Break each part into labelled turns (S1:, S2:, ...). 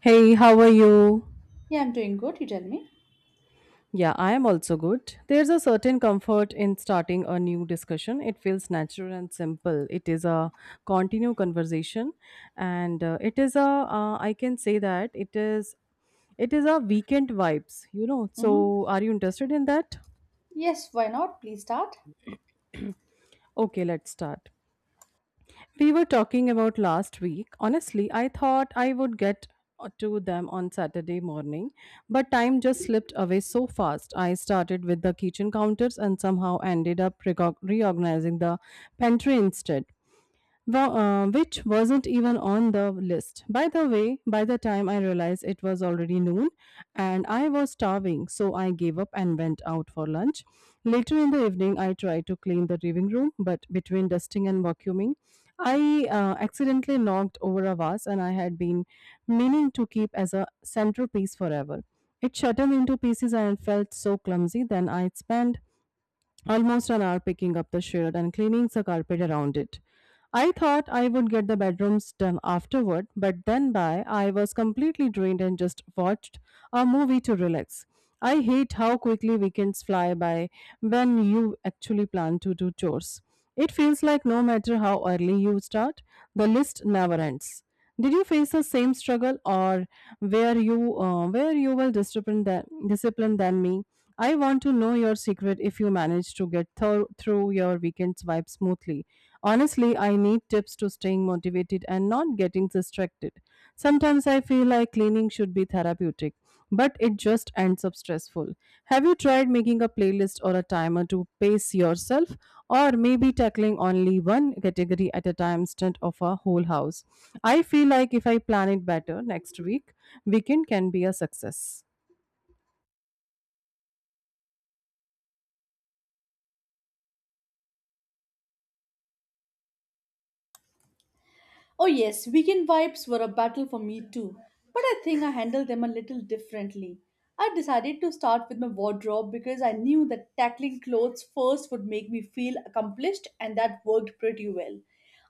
S1: Hey, how are you?
S2: Yeah, I'm doing good. You tell me.
S1: Yeah, I am also good. There's a certain comfort in starting a new discussion. It feels natural and simple. It is a continued conversation, and it is a I can say that it is a weekend vibes.
S2: Mm-hmm.
S1: So, are you interested in that?
S2: Yes, why not? Please start.
S1: Okay, let's start. We were talking about last week. Honestly, I thought I would get to them on Saturday morning, but time just slipped away so fast. I started with the kitchen counters and somehow ended up reorganizing the pantry instead, wa- which wasn't even on the list. By the way, by the time I realized it was already noon and I was starving, so I gave up and went out for lunch. Later in the evening, I tried to clean the living room, but between dusting and vacuuming, I accidentally knocked over a vase and I had been meaning to keep as a centerpiece forever. It shattered into pieces and felt so clumsy. Then I spent almost an hour picking up the shirt and cleaning the carpet around it. I thought I would get the bedrooms done afterward, but then by I was completely drained and just watched a movie to relax. I hate how quickly weekends fly by when you actually plan to do chores. It feels like no matter how early you start, the list never ends. Did you face the same struggle, or where you were disciplined than, me? I want to know your secret if you manage to get through your weekend's vibe smoothly. Honestly, I need tips to staying motivated and not getting distracted. Sometimes I feel like cleaning should be therapeutic, but it just ends up stressful. Have you tried making a playlist or a timer to pace yourself, or maybe tackling only one category at a time instead of a whole house? I feel like if I plan it better next week, weekend can be a success.
S2: Oh, yes, weekend vibes were a battle for me too, but I think I handled them a little differently. I decided to start with my wardrobe because I knew that tackling clothes first would make me feel accomplished, and that worked pretty well.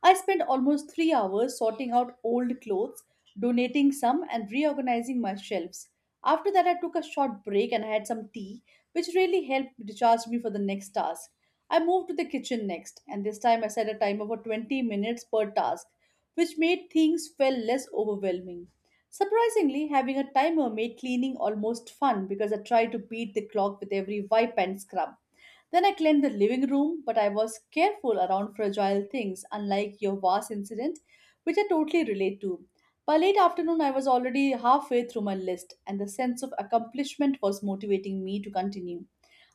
S2: I spent almost 3 hours sorting out old clothes, donating some, and reorganizing my shelves. After that, I took a short break and I had some tea, which really helped recharge me for the next task. I moved to the kitchen next, and this time I set a timer for 20 minutes per task which made things feel less overwhelming. Surprisingly, having a timer made cleaning almost fun because I tried to beat the clock with every wipe and scrub. Then I cleaned the living room, but I was careful around fragile things, unlike your vase incident, which I totally relate to. By late afternoon, I was already halfway through my list, and the sense of accomplishment was motivating me to continue.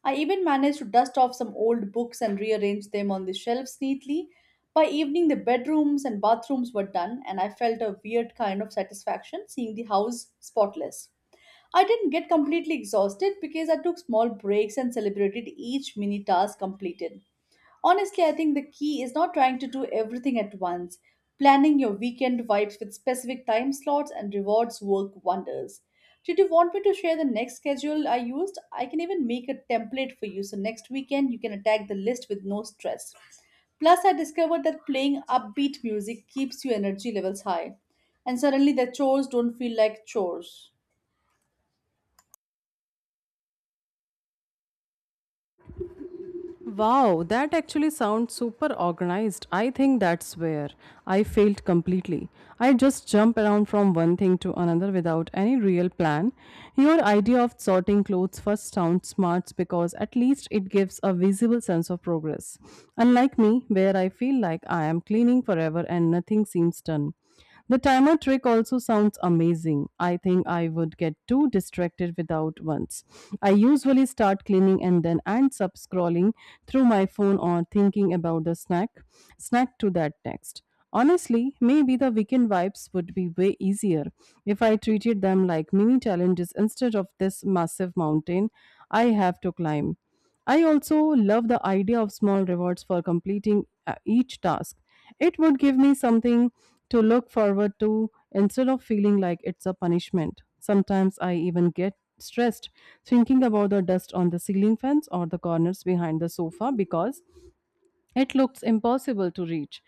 S2: I even managed to dust off some old books and rearrange them on the shelves neatly. By evening, the bedrooms and bathrooms were done, and I felt a weird kind of satisfaction seeing the house spotless. I didn't get completely exhausted because I took small breaks and celebrated each mini task completed. Honestly, I think the key is not trying to do everything at once. Planning your weekend vibes with specific time slots and rewards work wonders. Did you want me to share the next schedule I used? I can even make a template for you so next weekend you can attack the list with no stress. Plus, I discovered that playing upbeat music keeps your energy levels high, and suddenly the chores don't feel like chores.
S1: Wow, that actually sounds super organized. I think that's where I failed completely. I just jump around from one thing to another without any real plan. Your idea of sorting clothes first sounds smart because at least it gives a visible sense of progress. Unlike me, where I feel like I am cleaning forever and nothing seems done. The timer trick also sounds amazing. I think I would get too distracted without once. I usually start cleaning and then ends up scrolling through my phone or thinking about the snack to that text. Honestly, maybe the weekend vibes would be way easier if I treated them like mini challenges instead of this massive mountain I have to climb. I also love the idea of small rewards for completing each task. It would give me something to look forward to instead of feeling like it's a punishment. Sometimes I even get stressed thinking about the dust on the ceiling fans or the corners behind the sofa because it looks impossible to reach.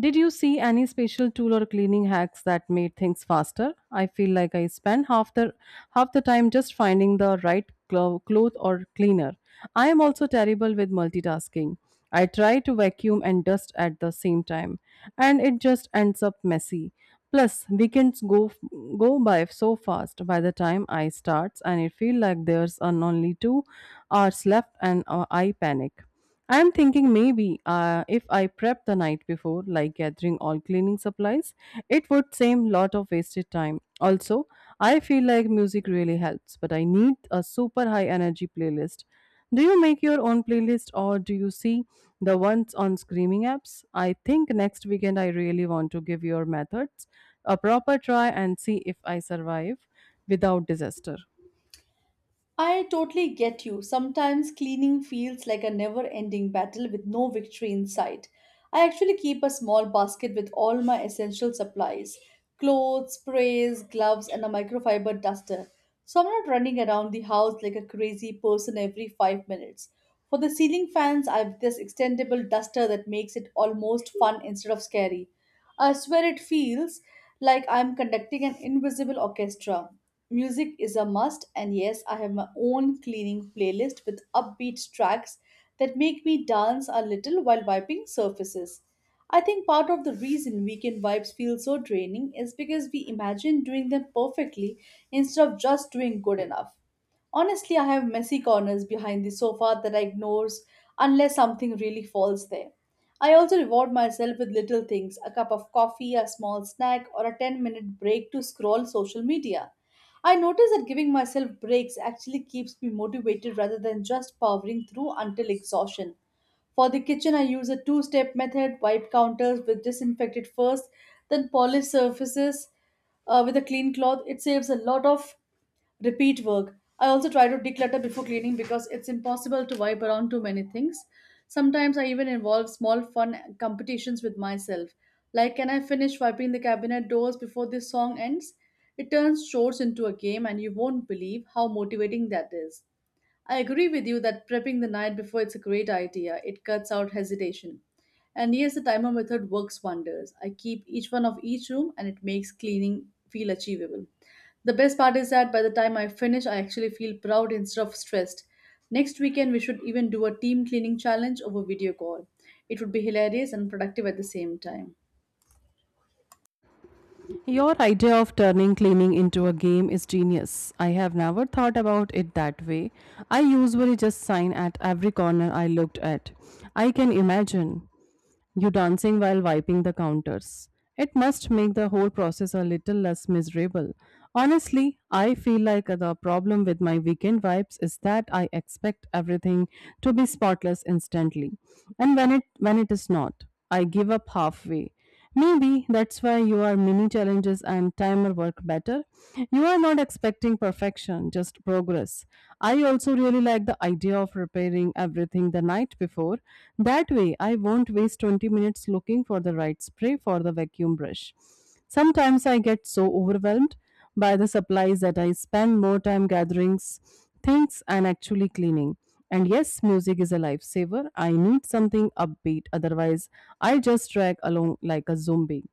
S1: Did you see any special tool or cleaning hacks that made things faster? I feel like I spend half the time just finding the right cloth or cleaner. I am also terrible with multitasking. I try to vacuum and dust at the same time, and it just ends up messy. Plus, weekends go by so fast. By the time I starts, and it feel like there's an only 2 hours left, and I panic. I'm thinking maybe if I prep the night before, like gathering all cleaning supplies, it would seem lot of wasted time. Also, I feel like music really helps, but I need a super high energy playlist. Do you make your own playlist or do you see the ones on screaming apps? I think next weekend I really want to give your methods a proper try and see if I survive without disaster.
S2: I totally get you. Sometimes cleaning feels like a never ending battle with no victory in sight. I actually keep a small basket with all my essential supplies clothes, sprays, gloves, and a microfiber duster. So I'm not running around the house like a crazy person every 5 minutes. For the ceiling fans, I have this extendable duster that makes it almost fun instead of scary. I swear it feels like I'm conducting an invisible orchestra. Music is a must, and yes, I have my own cleaning playlist with upbeat tracks that make me dance a little while wiping surfaces. I think part of the reason weekend vibes feel so draining is because we imagine doing them perfectly instead of just doing good enough. Honestly, I have messy corners behind the sofa that I ignores unless something really falls there. I also reward myself with little things a cup of coffee, a small snack, or a 10-minute break to scroll social media. I notice that giving myself breaks actually keeps me motivated rather than just powering through until exhaustion. For the kitchen, I use a two step method wipe counters with disinfected first, then polish surfaces with a clean cloth. It saves a lot of repeat work. I also try to declutter before cleaning because it's impossible to wipe around too many things. Sometimes I even involve small fun competitions with myself. Like, can I finish wiping the cabinet doors before this song ends? It turns chores into a game, and you won't believe how motivating that is. I agree with you that prepping the night before it's a great idea. It cuts out hesitation. And yes, the timer method works wonders. I keep each one of each room and it makes cleaning feel achievable. The best part is that by the time I finish, I actually feel proud instead of stressed. Next weekend, we should even do a team cleaning challenge over video call. It would be hilarious and productive at the same time.
S1: Your idea of turning cleaning into a game is genius. I have never thought about it that way. I usually just sign at every corner I looked at. I can imagine you dancing while wiping the counters. It must make the whole process a little less miserable. Honestly, I feel like the problem with my weekend vibes is that I expect everything to be spotless instantly. And when it is not, I give up halfway. Maybe that's why your mini challenges and timer work better. You are not expecting perfection, just progress. I also really like the idea of repairing everything the night before. That way, I won't waste 20 minutes looking for the right spray for the vacuum brush. Sometimes I get so overwhelmed by the supplies that I spend more time gathering things and actually cleaning. And yes, music is a lifesaver. I need something upbeat, otherwise, I just drag along like a zombie.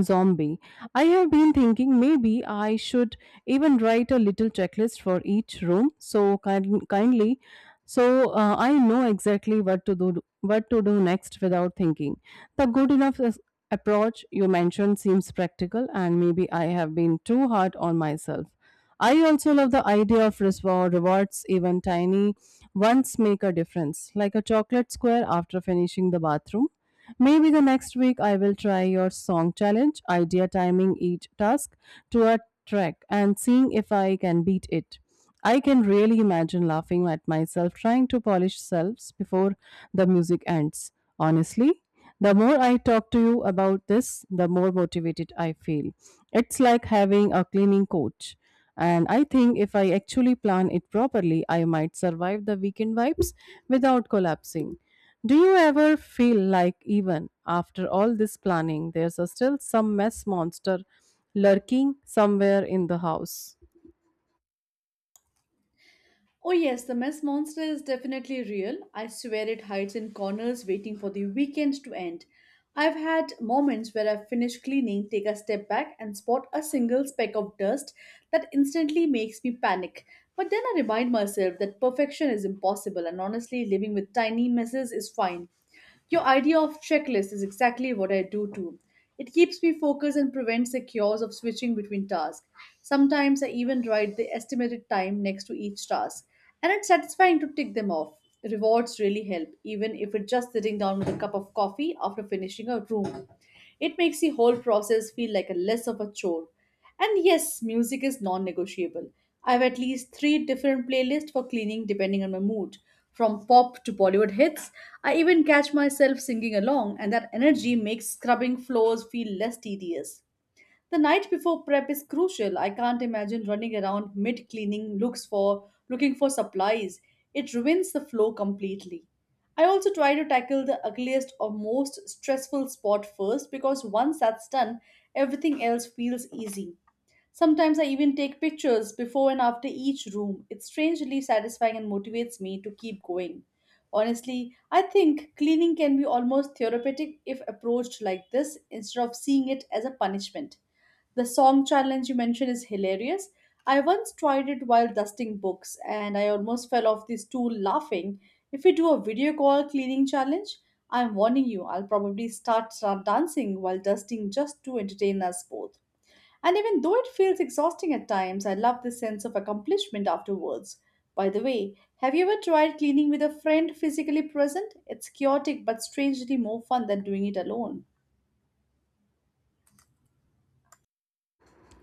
S1: Zombie. I have been thinking maybe I should even write a little checklist for each room. So kindly, I know exactly what to do, next without thinking. The good enough approach you mentioned seems practical, and maybe I have been too hard on myself. I also love the idea of rewards, even tiny ones make a difference, like a chocolate square after finishing the bathroom. Maybe the next week I will try your song challenge, idea timing each task to a track and seeing if I can beat it. I can really imagine laughing at myself trying to polish selves before the music ends. Honestly, the more I talk to you about this, the more motivated I feel. It's like having a cleaning coach. And I think if I actually plan it properly, I might survive the weekend vibes without collapsing. Do you ever feel like, even after all this planning, there's a still some mess monster lurking somewhere in the house?
S2: Oh, yes, the mess monster is definitely real. I swear it hides in corners waiting for the weekend to end. I've had moments where I finish cleaning, take a step back, and spot a single speck of dust that instantly makes me panic. But then I remind myself that perfection is impossible, and honestly, living with tiny messes is fine. Your idea of checklist is exactly what I do too. It keeps me focused and prevents the chaos of switching between tasks. Sometimes I even write the estimated time next to each task. And it's satisfying to tick them off. Rewards really help, even if it's just sitting down with a cup of coffee after finishing a room. It makes the whole process feel like a less of a chore. And yes, music is non negotiable. I have at least three different playlists for cleaning depending on my mood. From pop to Bollywood hits, I even catch myself singing along, and that energy makes scrubbing floors feel less tedious. The night before prep is crucial. I can't imagine running around mid cleaning looks for looking for supplies. It ruins the flow completely. I also try to tackle the ugliest or most stressful spot first because once that's done, everything else feels easy. Sometimes I even take pictures before and after each room. It's strangely satisfying and motivates me to keep going. Honestly, I think cleaning can be almost therapeutic if approached like this instead of seeing it as a punishment. The song challenge you mentioned is hilarious. I once tried it while dusting books and I almost fell off the stool laughing. If we do a video call cleaning challenge, I'm warning you, I'll probably start dancing while dusting just to entertain us both. And even though it feels exhausting at times, I love the sense of accomplishment afterwards. By the way, have you ever tried cleaning with a friend physically present? It's chaotic but strangely more fun than doing it alone.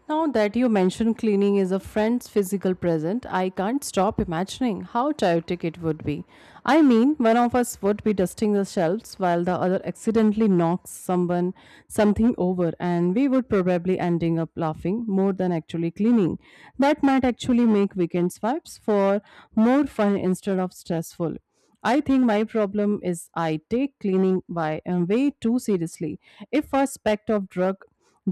S1: Now that you mention cleaning is a friend's physical present, I can't stop imagining how chaotic it would be. I mean, one of us would be dusting the shelves while the other accidentally knocks someone something over and we would probably ending up laughing more than actually cleaning. That might actually make weekend vibes for more fun instead of stressful. I think my problem is I take cleaning by and way too seriously. If a speck of drug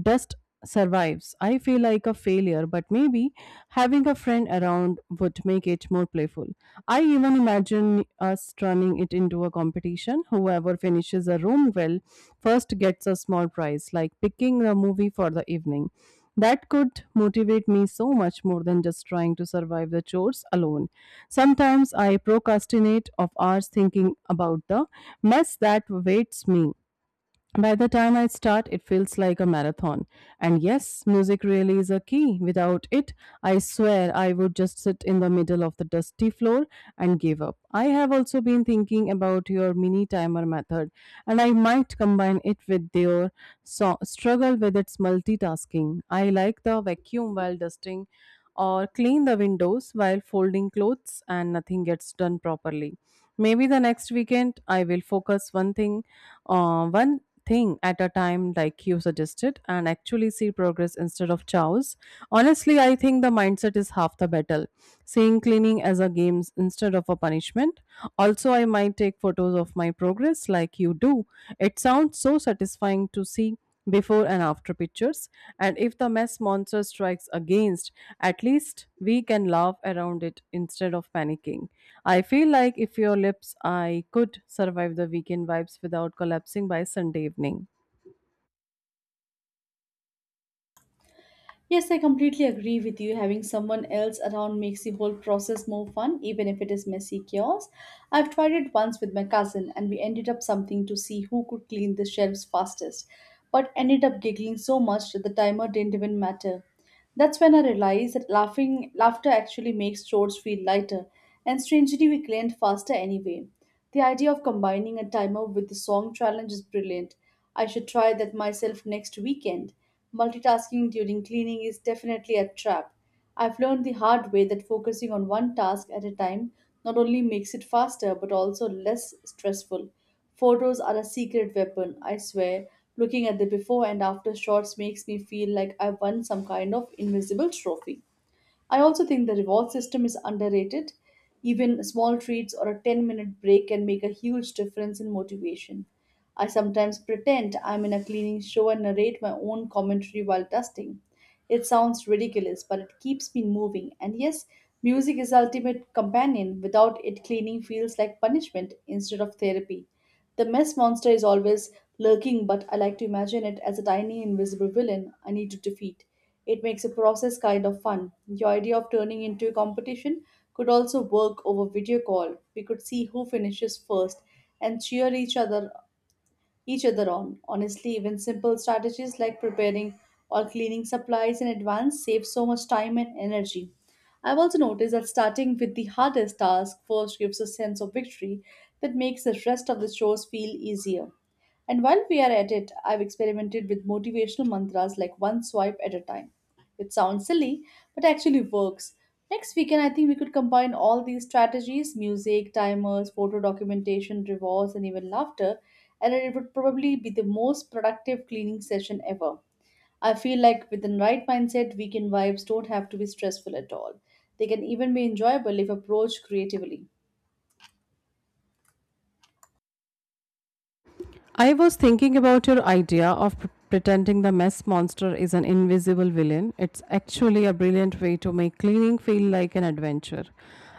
S1: dust survives, I feel like a failure, but maybe having a friend around would make it more playful. I even imagine us turning it into a competition. Whoever finishes a room well first gets a small prize, like picking a movie for the evening. That could motivate me so much more than just trying to survive the chores alone. Sometimes I procrastinate of hours thinking about the mess that awaits me. By the time I start, it feels like a marathon. And yes, music really is a key. Without it, I swear I would just sit in the middle of the dusty floor and give up. I have also been thinking about your mini timer method, and I might combine it with your struggle with its multitasking. I like the vacuum while dusting or clean the windows while folding clothes and nothing gets done properly. Maybe the next weekend I will focus one thing at a time, like you suggested, and actually see progress instead of chows honestly I think the mindset is half the battle, seeing cleaning as a game instead of a punishment also I might take photos of my progress like you do. It sounds so satisfying to see before and after pictures. And if the mess monster strikes against, at least we can laugh around it instead of panicking. I feel like if your lips I could survive the weekend vibes without collapsing by sunday evening.
S2: Yes, I completely agree with you. Having someone else around makes the whole process more fun, even if it is messy chaos. I've tried it once with my cousin, and we ended up something to see who could clean the shelves fastest, but ended up giggling so much that the timer didn't even matter. That's when I realized that laughing laughter actually makes chores feel lighter, and strangely we cleaned faster anyway. The idea of combining a timer with the song challenge is brilliant. I should try that myself next weekend. Multitasking during cleaning is definitely a trap. I've learned the hard way that focusing on one task at a time not only makes it faster but also less stressful. Photos are a secret weapon, I swear. Looking at the before and after shots makes me feel like I won some kind of invisible trophy. I also think the reward system is underrated. Even small treats or a 10-minute break can make a huge difference in motivation. I sometimes pretend I'm in a cleaning show and narrate my own commentary while dusting. It sounds ridiculous, but it keeps me moving. And yes, music is ultimate companion. Without it, cleaning feels like punishment instead of therapy. The mess monster is always lurking, but I like to imagine it as a tiny invisible villain I need to defeat. It makes the process kind of fun. Your idea of turning into a competition could also work over video call. We could see who finishes first and cheer each other on. Honestly, even simple strategies like preparing or cleaning supplies in advance save so much time and energy. I've also noticed that starting with the hardest task first gives a sense of victory that makes the rest of the chores feel easier. And while we are at it, I've experimented with motivational mantras like one swipe at a time it sounds silly, but actually works. Next weekend, I think we could combine all these strategies music, timers, photo documentation, rewards, and even laughter and it would probably be the most productive cleaning session ever. I feel like with the right mindset, weekend vibes don't have to be stressful at all. They can even be enjoyable if approached creatively.
S1: I was thinking about your idea of pretending the mess monster is an invisible villain. It's actually a brilliant way to make cleaning feel like an adventure.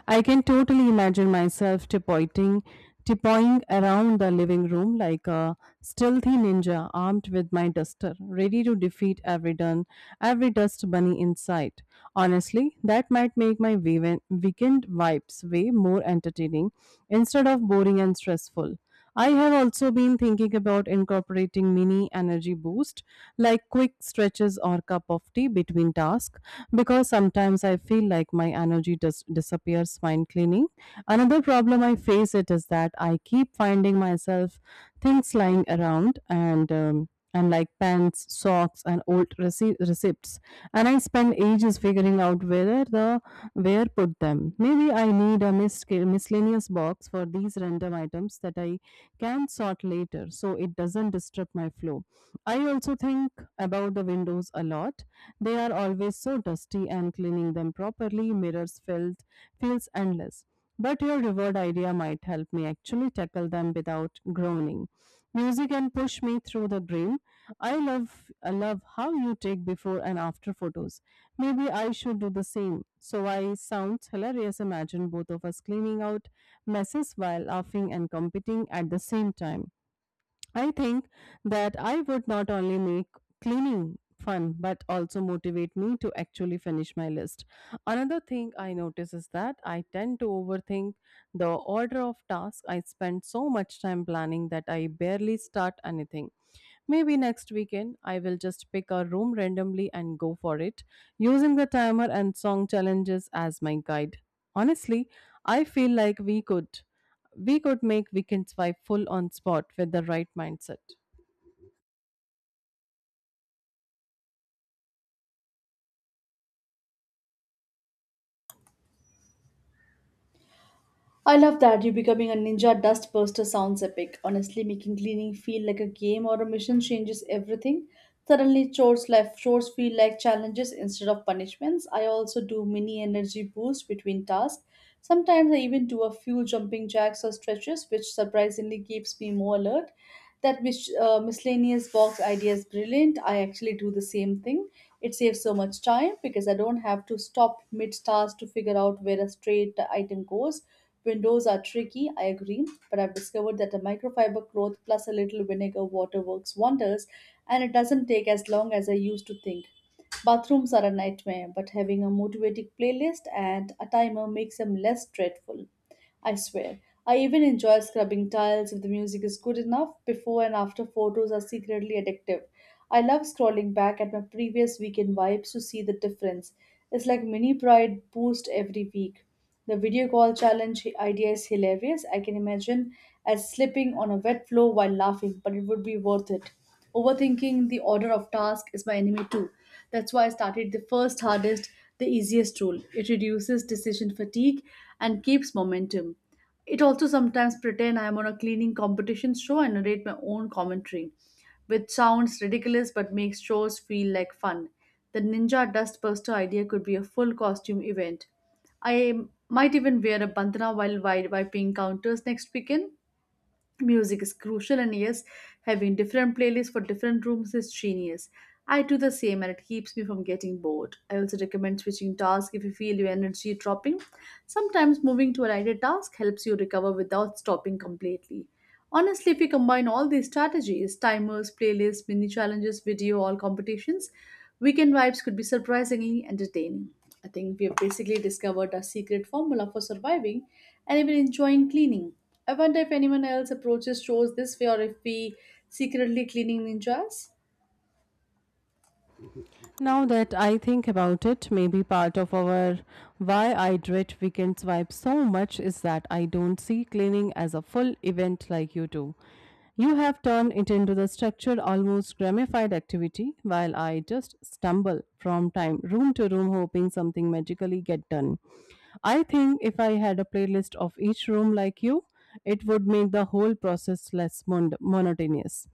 S1: I can totally imagine myself tipoing around the living room like a stealthy ninja armed with my duster, ready to defeat every dust bunny in sight. Honestly, that might make my weekend vibes way more entertaining instead of boring and stressful. I have also been thinking about incorporating mini energy boost like quick stretches or cup of tea between tasks because sometimes I feel like my energy disappears while cleaning. Another problem I face it is that I keep finding myself things lying around and like pants, socks, and old receipts, and I spend ages figuring out whether the where put them. Maybe I need a miscellaneous box for these random items that I can sort later so it doesn't disrupt my flow. I also think about the windows a lot. They are always so dusty and cleaning them properly mirrors felt feels endless. But your reward idea might help me actually tackle them without groaning. Music can push me through the grill. I love how you take before and after photos. Maybe I should do the same. So I sounds hilarious. Imagine both of us cleaning out messes while laughing and competing at the same time. I think that I would not only make cleaning fun but also motivate me to actually finish my list. Another thing I notice is that I tend to overthink the order of tasks. I spend so much time planning that I barely start anything. Maybe next weekend I will just pick a room randomly and go for it, using the timer and song challenges as my guide. Honestly, I feel like we could make weekend five full on spot with the right mindset.
S2: I love that you becoming a ninja dust buster sounds epic. Honestly, making cleaning feel like a game or a mission changes everything. Suddenly, chores feel like challenges instead of punishments. I also do mini energy boost between tasks. Sometimes I even do a few jumping jacks or stretches, which surprisingly keeps me more alert. That miscellaneous box idea is brilliant. I actually do the same thing. It saves so much time because I don't have to stop mid task to figure out where a straight item goes. Windows are tricky, I agree, but I've discovered that a microfiber cloth plus a little vinegar water works wonders and it doesn't take as long as I used to think. Bathrooms are a nightmare, but having a motivating playlist and a timer makes them less dreadful. I swear. I even enjoy scrubbing tiles if the music is good enough. Before and after photos are secretly addictive. I love scrolling back at my previous weekend vibes to see the difference. It's like mini pride boost every week. The video call challenge idea is hilarious. I can imagine as slipping on a wet floor while laughing, but it would be worth it. Overthinking the order of task is my enemy too. That's why I started the first hardest, the easiest rule. It reduces decision fatigue and keeps momentum. It also sometimes pretend I am on a cleaning competition show and narrate my own commentary, which sounds ridiculous but makes shows feel like fun. The ninja dustbuster idea could be a full costume event. I might even wear a bandana while wiping counters next weekend. Music is crucial, and yes, having different playlists for different rooms is genius. I do the same and it keeps me from getting bored. I also recommend switching tasks if you feel your energy dropping. Sometimes moving to a lighter task helps you recover without stopping completely. Honestly, if we combine all these strategies timers, playlists, mini challenges, video, all competitions weekend vibes could be surprisingly entertaining. I think we have basically discovered our secret formula for surviving and even enjoying cleaning. I wonder if anyone else approaches shows this way or if we secretly cleaning ninjas.
S1: Now that I think about it, maybe part of our why I dread weekend vibes so much is that I don't see cleaning as a full event like you do. You have turned it into the structured, almost gramified activity, while I just stumble from time room to room hoping something magically get done. I think if I had a playlist of each room like you, it would make the whole process less monotonous.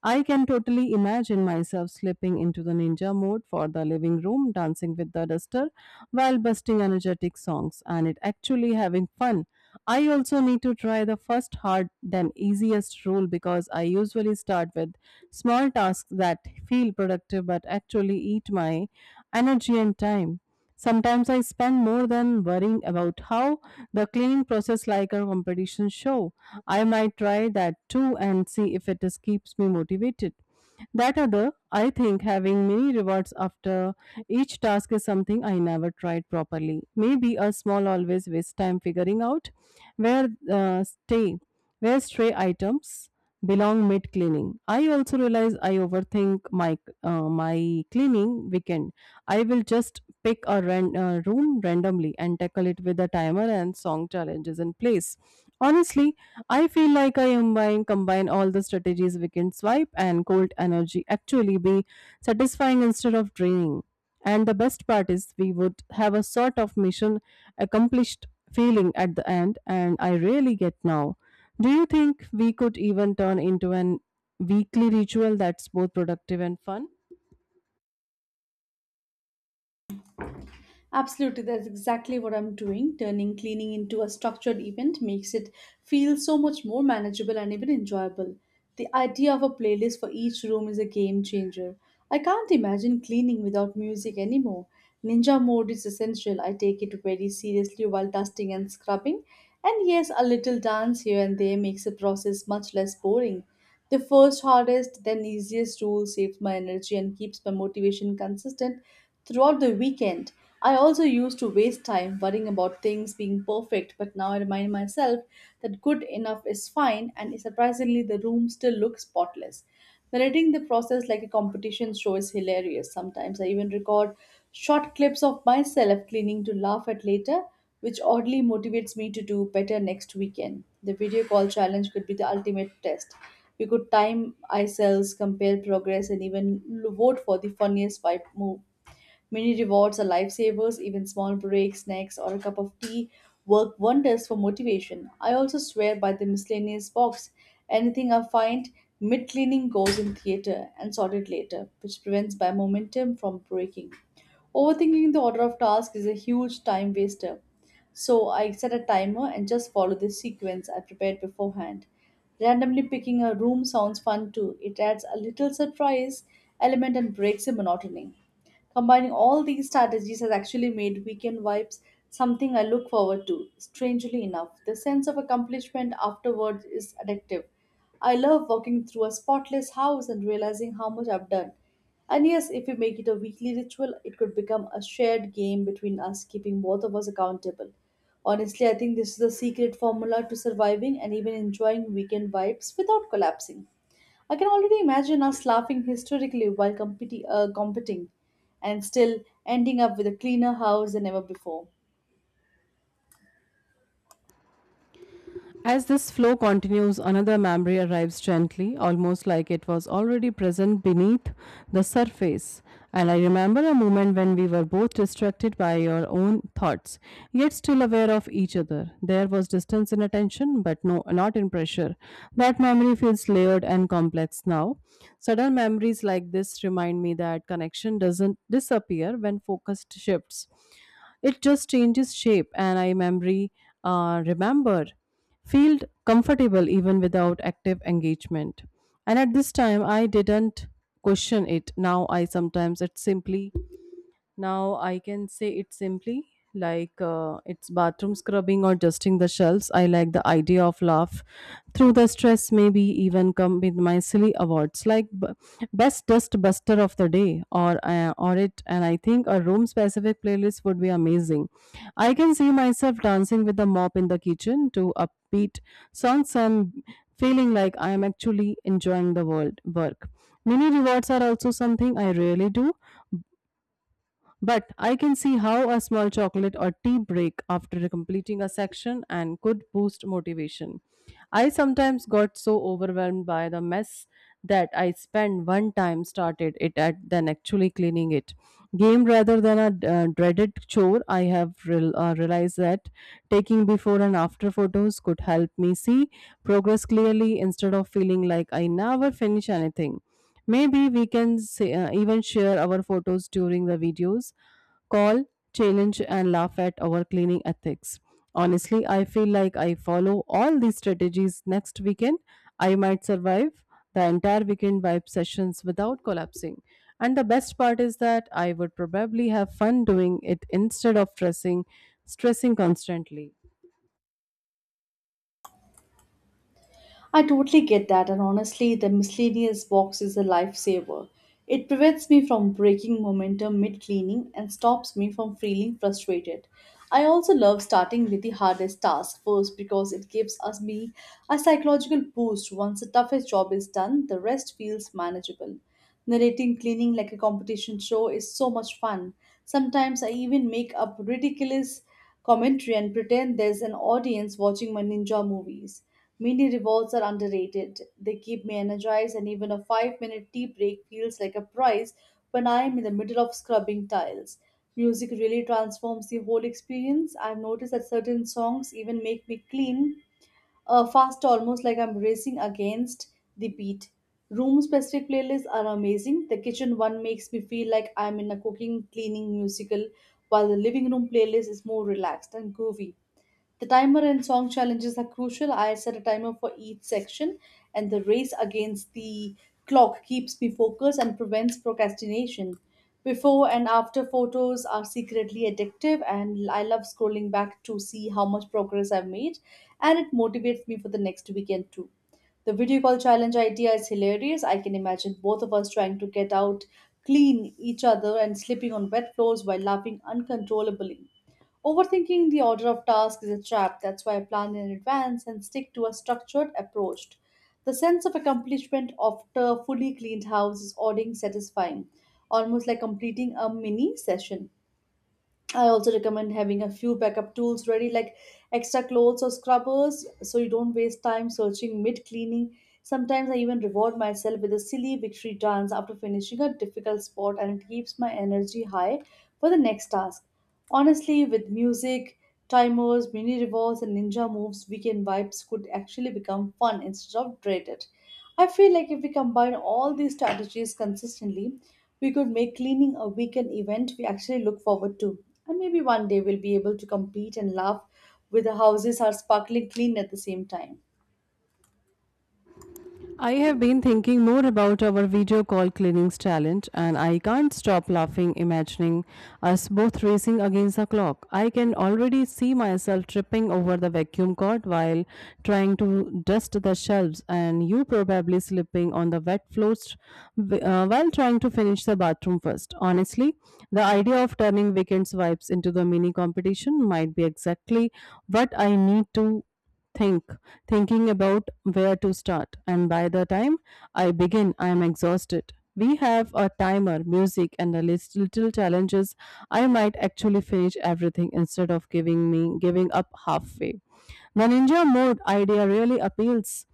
S1: I can totally imagine myself slipping into the ninja mode for the living room, dancing with the duster while busting energetic songs and it actually having fun. I also need to try the first hard then easiest rule because I usually start with small tasks that feel productive but actually eat my energy and time. Sometimes I spend more than worrying about how the cleaning process like a competition show. I might try that too and see if it is keeps me motivated. That other, I think having many rewards after each task is something I never tried properly. Maybe a small always waste time figuring out where stay where stray items belong mid cleaning. I also realize I overthink my my cleaning weekend. I will just pick a room randomly and tackle it with a timer and song challenges in place. Honestly, I feel like I combine all the strategies weekend swipe and cold energy actually be satisfying instead of draining. And the best part is we would have a sort of mission accomplished feeling at the end and I really get now. Do you think we could even turn into an weekly ritual that's both productive and fun?
S2: Absolutely, that's exactly what I'm doing. Turning cleaning into a structured event makes it feel so much more manageable and even enjoyable. The idea of a playlist for each room is a game changer. I can't imagine cleaning without music anymore. Ninja mode is essential. I take it very seriously while dusting and scrubbing. And yes, a little dance here and there makes the process much less boring. The first hardest, then easiest rule saves my energy and keeps my motivation consistent throughout the weekend. I also used to waste time worrying about things being perfect, but now I remind myself that good enough is fine, and surprisingly, the room still looks spotless. Narrating the process like a competition show is hilarious. Sometimes I even record short clips of myself cleaning to laugh at later, which oddly motivates me to do better next weekend. The video call challenge could be the ultimate test. We could time ourselves, compare progress, and even vote for the funniest wipe move. Mini rewards are lifesavers, even small breaks, snacks, or a cup of tea work wonders for motivation. I also swear by the miscellaneous box. Anything I find mid cleaning goes in theater and sorted later, which prevents my momentum from breaking. Overthinking the order of tasks is a huge time waster. So I set a timer and just follow the sequence I prepared beforehand. Randomly picking a room sounds fun too. It adds a little surprise element and breaks the monotony. Combining all these strategies has actually made weekend vibes something I look forward to. Strangely enough, the sense of accomplishment afterwards is addictive. I love walking through a spotless house and realizing how much I've done. And yes, if we make it a weekly ritual, it could become a shared game between us, keeping both of us accountable. Honestly, I think this is the secret formula to surviving and even enjoying weekend vibes without collapsing. I can already imagine us laughing hysterically while competing and still ending up with a cleaner house than ever before.
S1: As this flow continues, another memory arrives gently, almost like it was already present beneath the surface. And I remember a moment when we were both distracted by our own thoughts, yet still aware of each other. There was distance in attention, but no, not in pressure. That memory feels layered and complex now. Sudden memories like this remind me that connection doesn't disappear when focus shifts. It just changes shape, and I memory remember feel comfortable even without active engagement. And at this time, I didn't question it. Now I can say it simply like it's bathroom scrubbing or dusting the shelves. I like the idea of laugh through the stress. Maybe even come with my silly awards like best dust buster of the day or it. And I think a room specific playlist would be amazing. I can see myself dancing with the mop in the kitchen to upbeat songs and feeling like I am actually enjoying the world work. Mini rewards are also something I really do, but I can see how a small chocolate or tea break after completing a section and could boost motivation. I sometimes got so overwhelmed by the mess that I spent one time started it at than actually cleaning it. Game rather than a dreaded chore, I have realized that taking before and after photos could help me see progress clearly instead of feeling like I never finish anything. Maybe we can even share our photos during the videos call, challenge, and laugh at our cleaning ethics. Honestly, I feel like I follow all these strategies next weekend. I might survive the entire weekend vibe sessions without collapsing. And the best part is that I would probably have fun doing it instead of stressing constantly.
S2: I totally get that, and honestly, the miscellaneous box is a lifesaver. It prevents me from breaking momentum mid cleaning and stops me from feeling frustrated. I also love starting with the hardest task first because it gives us me a psychological boost. Once the toughest job is done, the rest feels manageable. Narrating cleaning like a competition show is so much fun. Sometimes I even make up ridiculous commentary and pretend there's an audience watching my ninja movies. Mini rewards are underrated. They keep me energized, and even a 5 minute tea break feels like a prize when I am in the middle of scrubbing tiles. Music really transforms the whole experience. I've noticed that certain songs even make me clean fast, almost like I'm racing against the beat. Room specific playlists are amazing. The kitchen one makes me feel like I'm in a cooking, cleaning musical, while the living room playlist is more relaxed and groovy. The timer and song challenges are crucial. I set a timer for each section, and the race against the clock keeps me focused and prevents procrastination. Before and after photos are secretly addictive, and I love scrolling back to see how much progress I've made, and it motivates me for the next weekend too. The video call challenge idea is hilarious. I can imagine both of us trying to get out, clean each other, and slipping on wet floors while laughing uncontrollably. Overthinking the order of tasks is a trap. That's why I plan in advance and stick to a structured approach. The sense of accomplishment after a fully cleaned house is ordering satisfying, almost like completing a mini session. I also recommend having a few backup tools ready, like extra clothes or scrubbers, so you don't waste time searching mid cleaning. Sometimes I even reward myself with a silly victory dance after finishing a difficult spot, and it keeps my energy high for the next task. Honestly, with music, timers, mini rewards, and ninja moves, weekend vibes could actually become fun instead of dreaded. I feel like if we combine all these strategies consistently, we could make cleaning a weekend event we actually look forward to. And maybe one day we'll be able to compete and laugh with the houses are sparkling clean at the same time.
S1: I have been thinking more about our video call cleaning's talent, and I can't stop laughing imagining us both racing against the clock. I can already see myself tripping over the vacuum cord while trying to dust the shelves, and you probably slipping on the wet floors while trying to finish the bathroom first. Honestly, the idea of turning weekends vibes into the mini competition might be exactly what I need to think thinking about where to start, and by the time I begin I am exhausted. We have a timer, music, and a list little challenges, I might actually finish everything instead of giving up halfway. The ninja mode idea really appeals.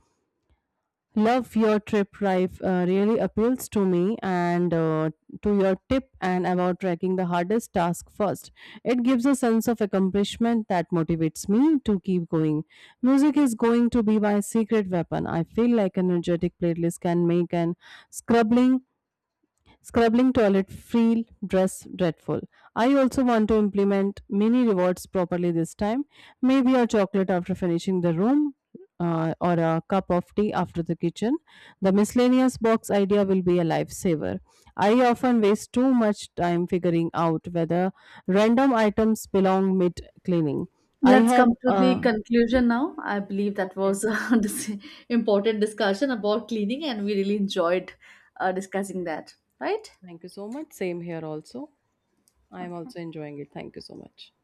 S1: Love your trip rife really appeals to me, and to your tip and about tracking the hardest task first. It gives a sense of accomplishment that motivates me to keep going. Music is going to be my secret weapon. I feel like an energetic playlist can make an scrubbing scrubbing toilet feel dress dreadful. I also want to implement mini rewards properly this time. Maybe a chocolate after finishing the room or a cup of tea after the kitchen. The miscellaneous box idea will be a lifesaver. I often waste too much time figuring out whether random items belong mid cleaning. I
S2: Let's
S1: have
S2: come to the conclusion now. I believe that was
S1: okay.
S2: a dis- important discussion about cleaning, and we really enjoyed discussing that, right?
S1: Thank you so much. Same here also. I am
S2: Okay.
S1: also enjoying it. Thank you so much.